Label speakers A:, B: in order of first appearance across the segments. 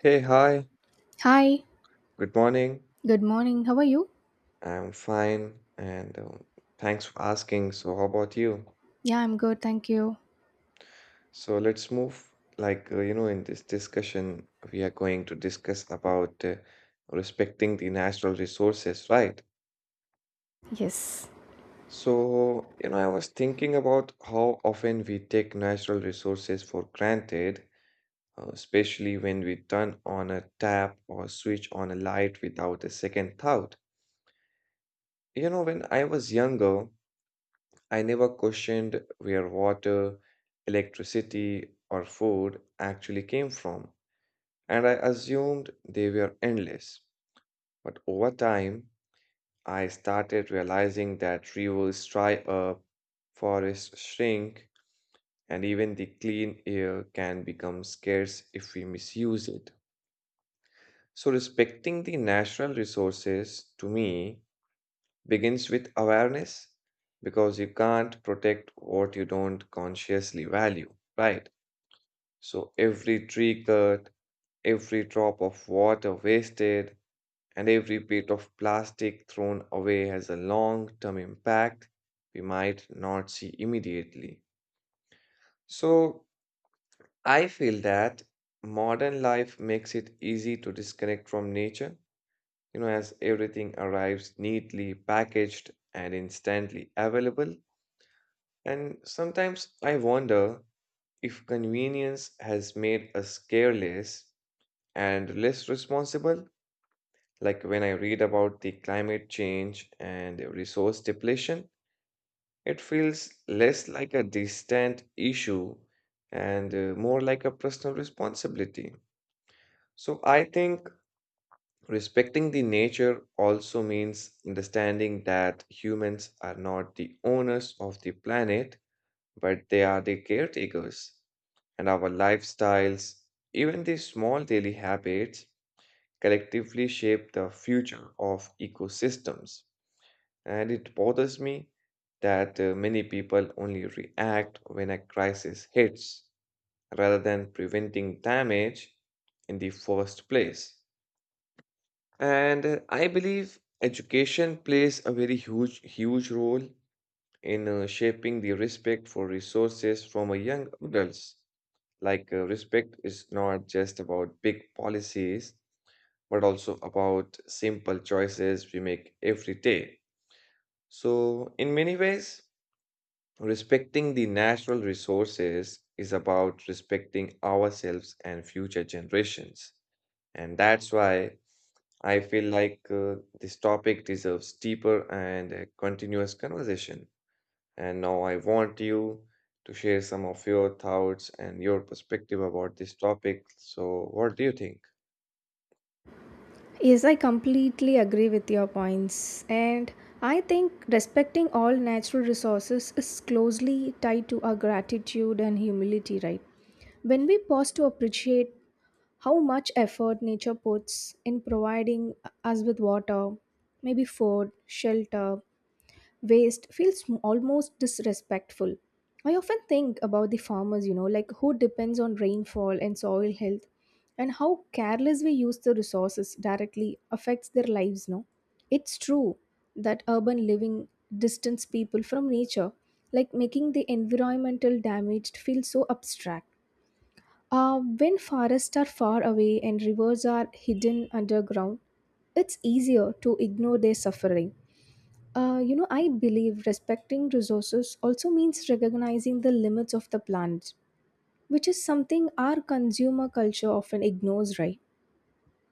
A: Hey, hi,
B: Hi,
A: good morning.
B: good morning. How are you?
A: I'm fine, and thanks for asking. So, how about you?
B: Yeah, I'm good, thank you.
A: So, let's move. In this discussion, we are going to discuss about respecting the natural resources, right?
B: Yes.
A: I was thinking about how often we take natural resources for granted, especially when we turn on a tap or switch on a light without a second thought. You know, when I was younger, I never questioned where water, electricity, or food actually came from, and I assumed they were endless. But over time, I started realizing that rivers dry up, forests shrink, and even the clean air can become scarce if we misuse it. So, respecting the natural resources to me begins with awareness because you can't protect what you don't consciously value, right? So every tree cut, every drop of water wasted, and every bit of plastic thrown away has a long term impact we might not see immediately. So I feel that modern life makes it easy to disconnect from nature, as everything arrives neatly packaged and instantly available. And sometimes I wonder if convenience has made us careless and less responsible. Like when I read about the climate change and resource depletion, it feels less like a distant issue and more like a personal responsibility. So I think respecting the nature also means understanding that humans are not the owners of the planet but they are the caretakers. And our lifestyles, even the small daily habits, collectively shape the future of ecosystems. And it bothers me that many people only react when a crisis hits rather than preventing damage in the first place. And I believe education plays a very huge role in shaping the respect for resources from a young adults. Respect is not just about big policies, but also about simple choices we make every day. So, in many ways, respecting the natural resources is about respecting ourselves and future generations. And that's why I feel like this topic deserves deeper and continuous conversation. And now I want you to share some of your thoughts and your perspective about this topic. So, what do you think?
B: Yes, I completely agree with your points. And I think respecting all natural resources is closely tied to our gratitude and humility, right? When we pause to appreciate how much effort nature puts in providing us with water, maybe food, shelter, waste feels almost disrespectful. I often think about the farmers, you know, like who depends on rainfall and soil health, and how careless we use the resources directly affects their lives. No, it's true that urban living distance people from nature, like making the environmental damage feel so abstract. When forests are far away and rivers are hidden underground, it's easier to ignore their suffering. You know, I believe respecting resources also means recognizing the limits of the planet, which is something our consumer culture often ignores, right?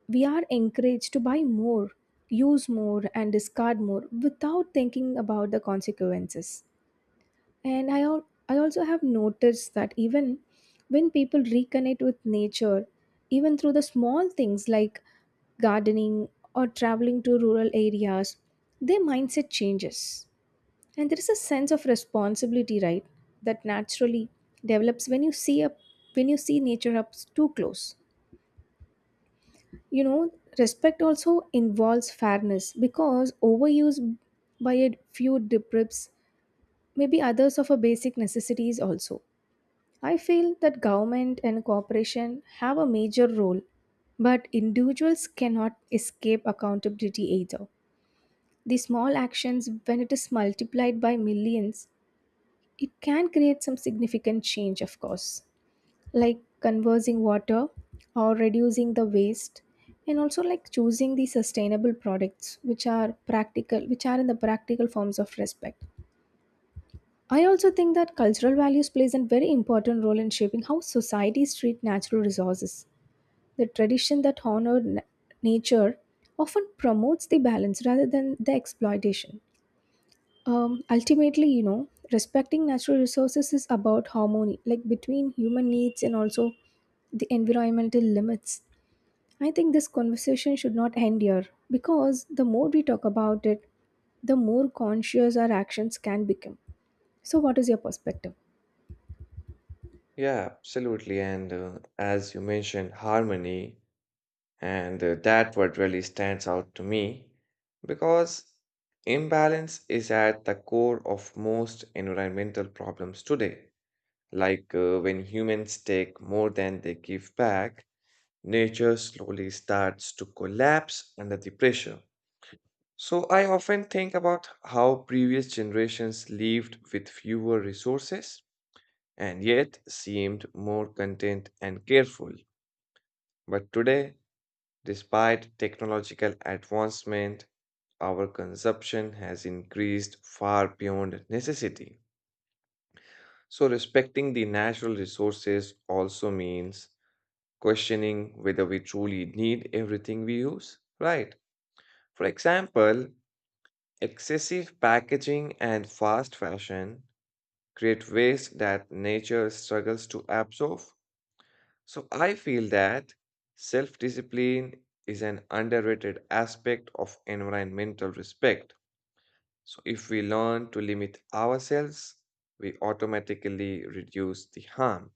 B: We are encouraged to buy more, use more, and discard more without thinking about the consequences. And I also have noticed that even when people reconnect with nature, even through the small things like gardening or traveling to rural areas, their mindset changes and there is a sense of responsibility, right, that naturally develops when you see nature up too close. You know, respect also involves fairness because overuse by a few deprives maybe others of a basic necessities also. I feel that government and corporation have a major role, but individuals cannot escape accountability either. The small actions, when it is multiplied by millions, it can create some significant change, of course, like conserving water or reducing the waste, and also like choosing the sustainable products which are practical, which are in the practical forms of respect. I also think that cultural values plays a very important role in shaping how societies treat natural resources. The tradition that honor nature often promotes the balance rather than the exploitation. Ultimately you know, respecting natural resources is about harmony, like between human needs and also the environmental limits. I think this conversation should not end here because the more we talk about it, the more conscious our actions can become. So, what is your perspective?
A: Yeah, absolutely. And as you mentioned, harmony, and that word really stands out to me because imbalance is at the core of most environmental problems today. When humans take more than they give back, nature slowly starts to collapse under the pressure. So I often think about how previous generations lived with fewer resources and yet seemed more content and careful. But today, despite technological advancement, our consumption has increased far beyond necessity. So respecting the natural resources also means questioning whether we truly need everything we use, right? For example, excessive packaging and fast fashion create waste that nature struggles to absorb. So I feel that self discipline is an underrated aspect of environmental respect. So if we learn to limit ourselves, we automatically reduce the harm.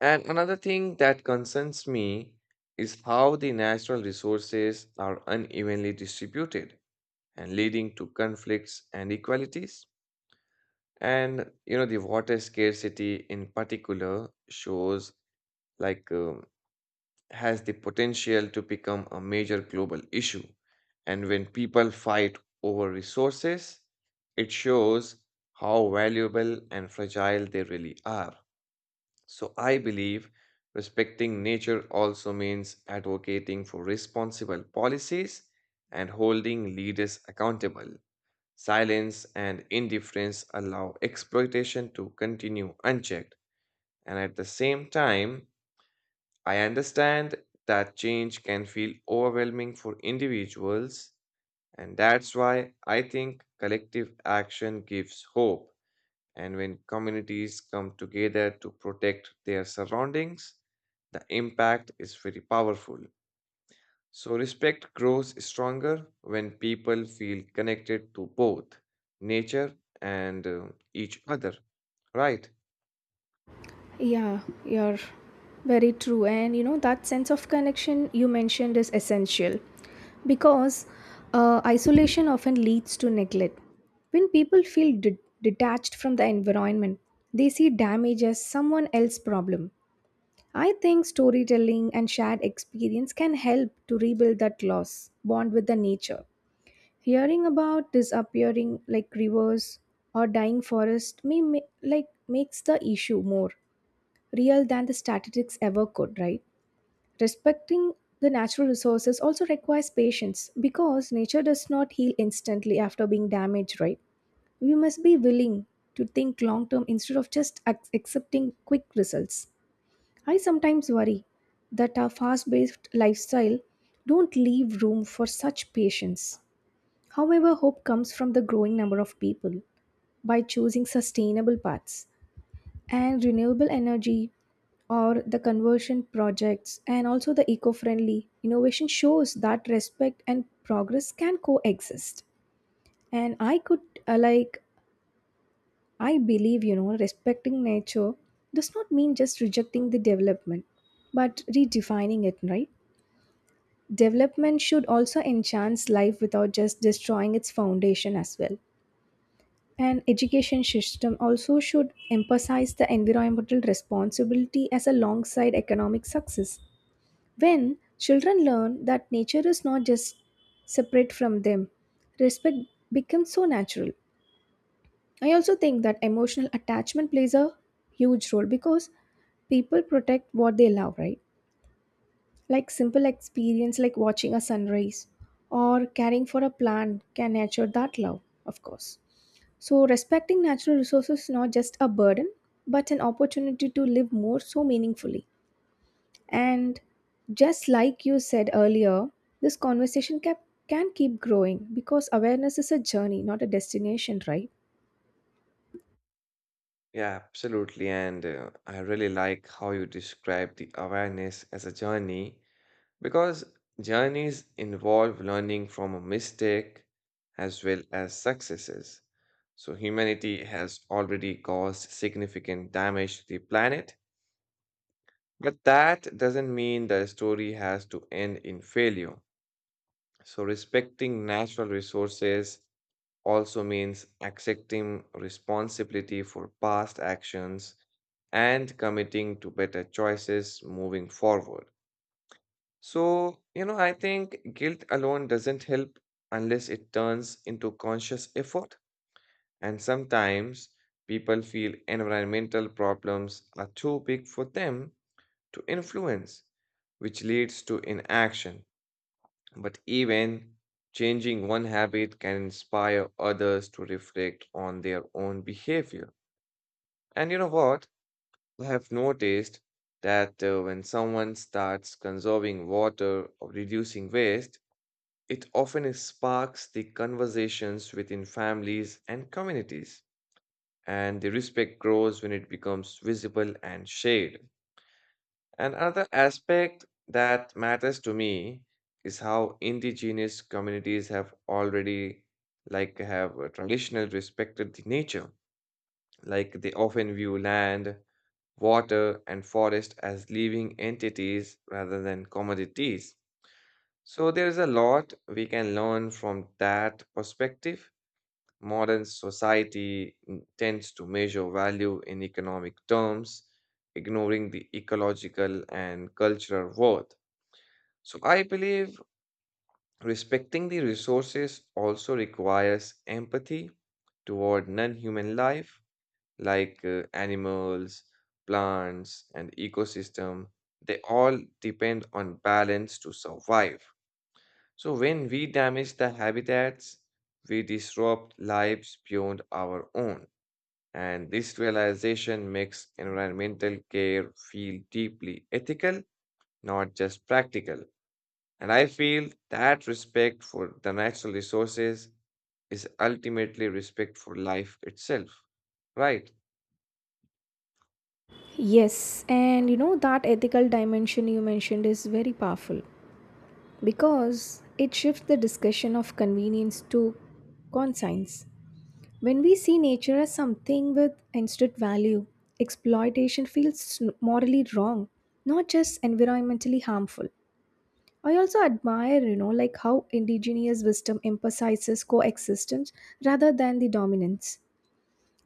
A: And another thing that concerns me is how the natural resources are unevenly distributed and leading to conflicts and inequalities. And you know, the water scarcity in particular shows like um, has the potential to become a major global issue. And when people fight over resources, it shows how valuable and fragile they really are. So I believe respecting nature also means advocating for responsible policies and holding leaders accountable. Silence and indifference allow exploitation to continue unchecked. And at the same time, I understand that change can feel overwhelming for individuals. And that's why I think collective action gives hope. And when communities come together to protect their surroundings, the impact is very powerful. So, respect grows stronger when people feel connected to both nature and each other. Right.
B: Yeah, you're very true. And you know, that sense of connection you mentioned is essential because isolation often leads to neglect. When people feel detached from the environment, they see damage as someone else's problem. I think storytelling and shared experience can help to rebuild that loss bond with the nature. Hearing about disappearing like rivers or dying forest may ma- like makes the issue more real than the statistics ever could, right? Respecting the natural resources also requires patience because nature does not heal instantly after being damaged, right? We must be willing to think long term instead of just accepting quick results. I sometimes worry that our fast paced lifestyle don't leave room for such patience. However, hope comes from the growing number of people by choosing sustainable paths and renewable energy or the conversion projects, and also the eco-friendly innovation shows that respect and progress can coexist. And i could uh, like i believe, you know, respecting nature does not mean just rejecting the development, but redefining it, right? Development should also enhance life without just destroying its foundation as well. And education system also should emphasize the environmental responsibility as alongside economic success. When children learn that nature is not just separate from them, respect becomes so natural. I also think that emotional attachment plays a huge role because people protect what they love, right? Like simple experience like watching a sunrise or caring for a plant can nurture that love, of course. So respecting natural resources is not just a burden, but an opportunity to live more so meaningfully. And just like you said earlier, this conversation can keep growing because awareness is a journey, not a destination, right?
A: Yeah, absolutely. And I really like how you describe the awareness as a journey because journeys involve learning from a mistake as well as successes. So, humanity has already caused significant damage to the planet, but that doesn't mean the story has to end in failure. So, respecting natural resources also means accepting responsibility for past actions and committing to better choices moving forward. So, you know, I think guilt alone doesn't help unless it turns into conscious effort. And sometimes people feel environmental problems are too big for them to influence, which leads to inaction. But even changing one habit can inspire others to reflect on their own behavior. And you know what? I have noticed that when someone starts conserving water or reducing waste, it often sparks the conversations within families and communities. And the respect grows when it becomes visible and shared. Another aspect that matters to me is how indigenous communities have already like have traditional respected the nature. Like they often view land, water, and forest as living entities rather than commodities. So there is a lot we can learn from that perspective. Modern society tends to measure value in economic terms, ignoring the ecological and cultural worth. So I believe respecting the resources also requires empathy toward non human life like animals, plants, and ecosystem. They all depend on balance to survive. So when we damage the habitats, we disrupt lives beyond our own. And this realization makes environmental care feel deeply ethical, not just practical. And I feel that respect for the natural resources is ultimately respect for life itself, right?
B: Yes, and you know that ethical dimension you mentioned is very powerful because it shifts the discussion of convenience to conscience. When we see nature as something with instant value, exploitation feels morally wrong, not just environmentally harmful. I also admire, you know, like how indigenous wisdom emphasizes coexistence rather than the dominance.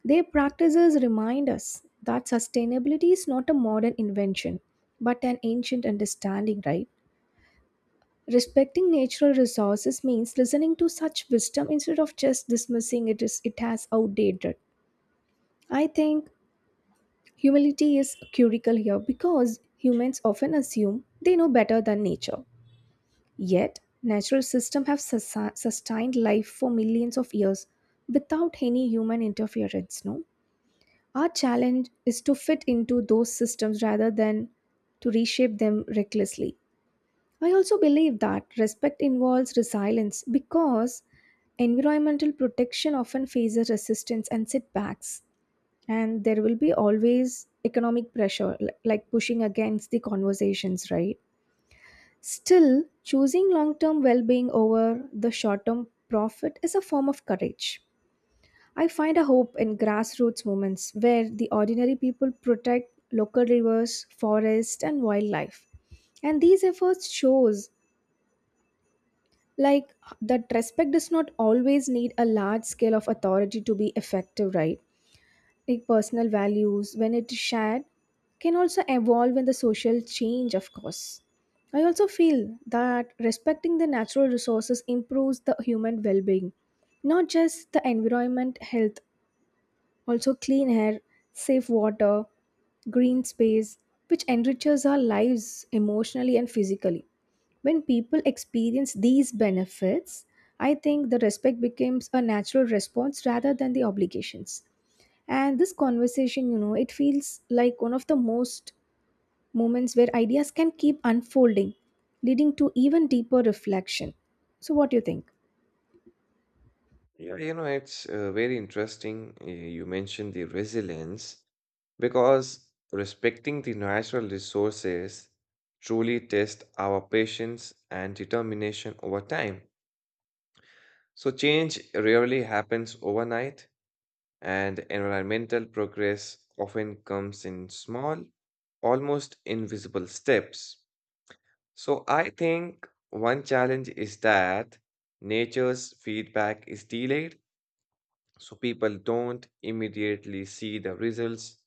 B: Their practices remind us that sustainability is not a modern invention, but an ancient understanding, right? Respecting natural resources means listening to such wisdom instead of just dismissing it as it has outdated. I think humility is curical here because humans often assume they know better than nature. Yet, natural systems have sustained life for millions of years without any human interference, no? Our challenge is to fit into those systems rather than to reshape them recklessly. I also believe that respect involves resilience because environmental protection often faces resistance and setbacks, and there will be always economic pressure, like pushing against the conversations, right? Still, choosing long term well being over the short term profit is a form of courage. I find a hope in grassroots movements where the ordinary people protect local rivers, forests, and wildlife. And these efforts shows like that respect does not always need a large scale of authority to be effective, right? Like personal values when it is shared can also evolve in the social change, of course. I also feel that respecting the natural resources improves the human well-being, not just the environment health. Also clean air, safe water, green space, which enriches our lives emotionally and physically. When people experience these benefits, I think the respect becomes a natural response rather than the obligations. And this conversation, you know, it feels like one of the most moments where ideas can keep unfolding, leading to even deeper reflection. So, what do you think?
A: Yeah, you know, it's very interesting. You mentioned the resilience because respecting the natural resources truly tests our patience and determination over time. So, change rarely happens overnight, and environmental progress often comes in small, almost invisible steps. So I think one challenge is that nature's feedback is delayed, so people don't immediately see the results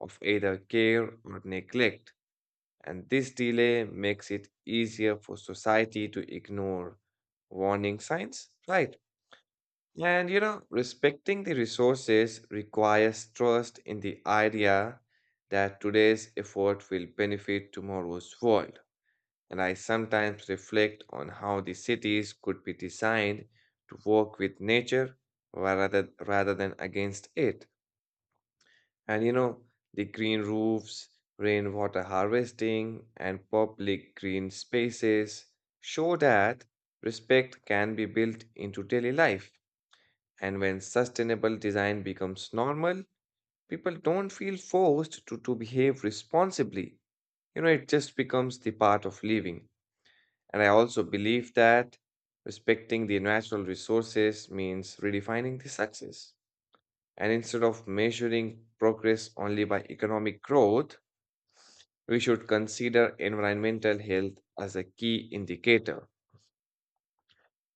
A: of either care or neglect. And this delay makes it easier for society to ignore warning signs, right? And you know, respecting the resources requires trust in the idea that today's effort will benefit tomorrow's world, and I sometimes reflect on how the cities could be designed to work with nature rather than against it. And you know, the green roofs, rainwater harvesting, and public green spaces show that respect can be built into daily life. And when sustainable design becomes normal, people don't feel forced to behave responsibly. You know, it just becomes the part of living. And I also believe that respecting the natural resources means redefining the success. And instead of measuring progress only by economic growth, we should consider environmental health as a key indicator.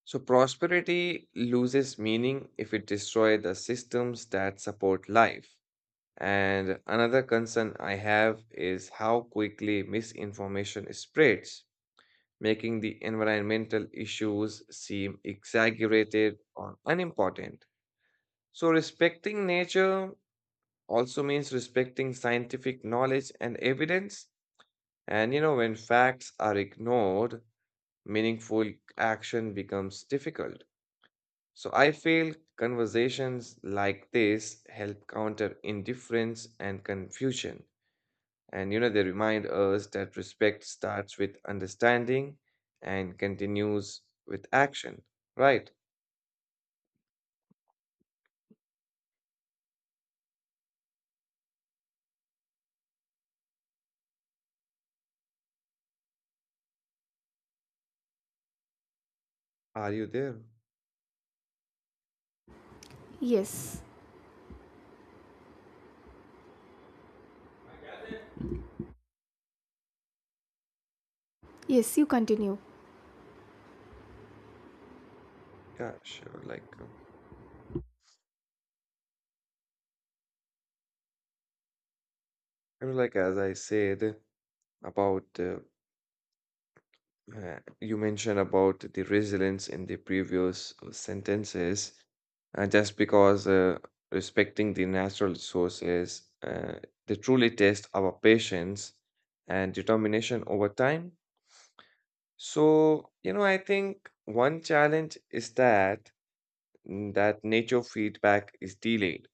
A: So, prosperity loses meaning if it destroys the systems that support life. And another concern I have is how quickly misinformation spreads, making the environmental issues seem exaggerated or unimportant. So, respecting nature also means respecting scientific knowledge and evidence. And you know, when facts are ignored, meaningful action becomes difficult. So, I feel conversations like this help counter indifference and confusion. And you know, they remind us that respect starts with understanding and continues with action, right? Are you there?
B: Yes, yes, you continue.
A: Yeah, sure. Like as I said about, you mentioned about the resilience in the previous sentences, just because respecting the natural resources, they truly test our patience and determination over time. So, you know, I think one challenge is that nature feedback is delayed.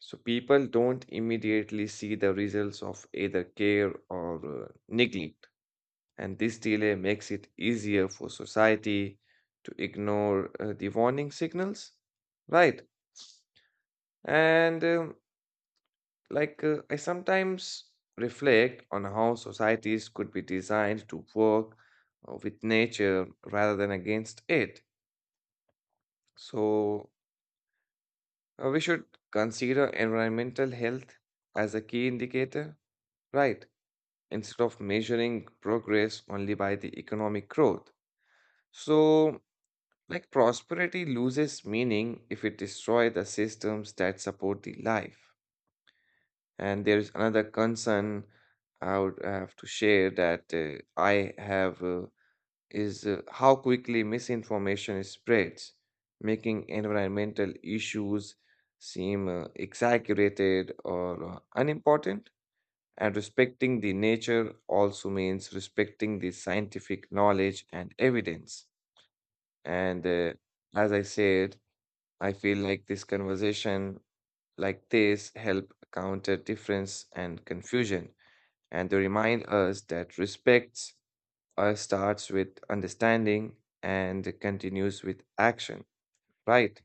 A: So people don't immediately see the results of either care or neglect. And this delay makes it easier for society to ignore the warning signals. Right. And I sometimes reflect on how societies could be designed to work with nature rather than against it. So we should consider environmental health as a key indicator, right? Instead of measuring progress only by the economic growth. So, like prosperity loses meaning if it destroys the systems that support the life. And there is another concern I would have to share that I have. Is how quickly misinformation spreads, making environmental issues seem exaggerated or unimportant. And respecting the nature also means respecting the scientific knowledge and evidence. And as I said, I feel like this conversation like this help counter difference and confusion, and they remind us that respects starts with understanding and continues with action. Right?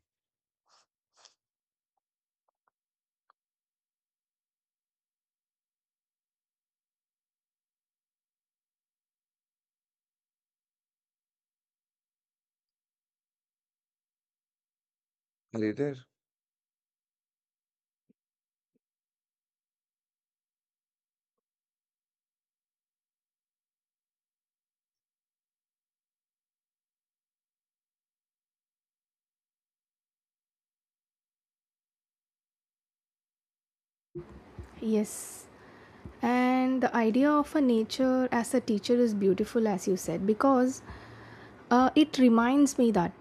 A: Are you there?
B: Yes. And the idea of a nature as a teacher is beautiful, as you said, because it reminds me that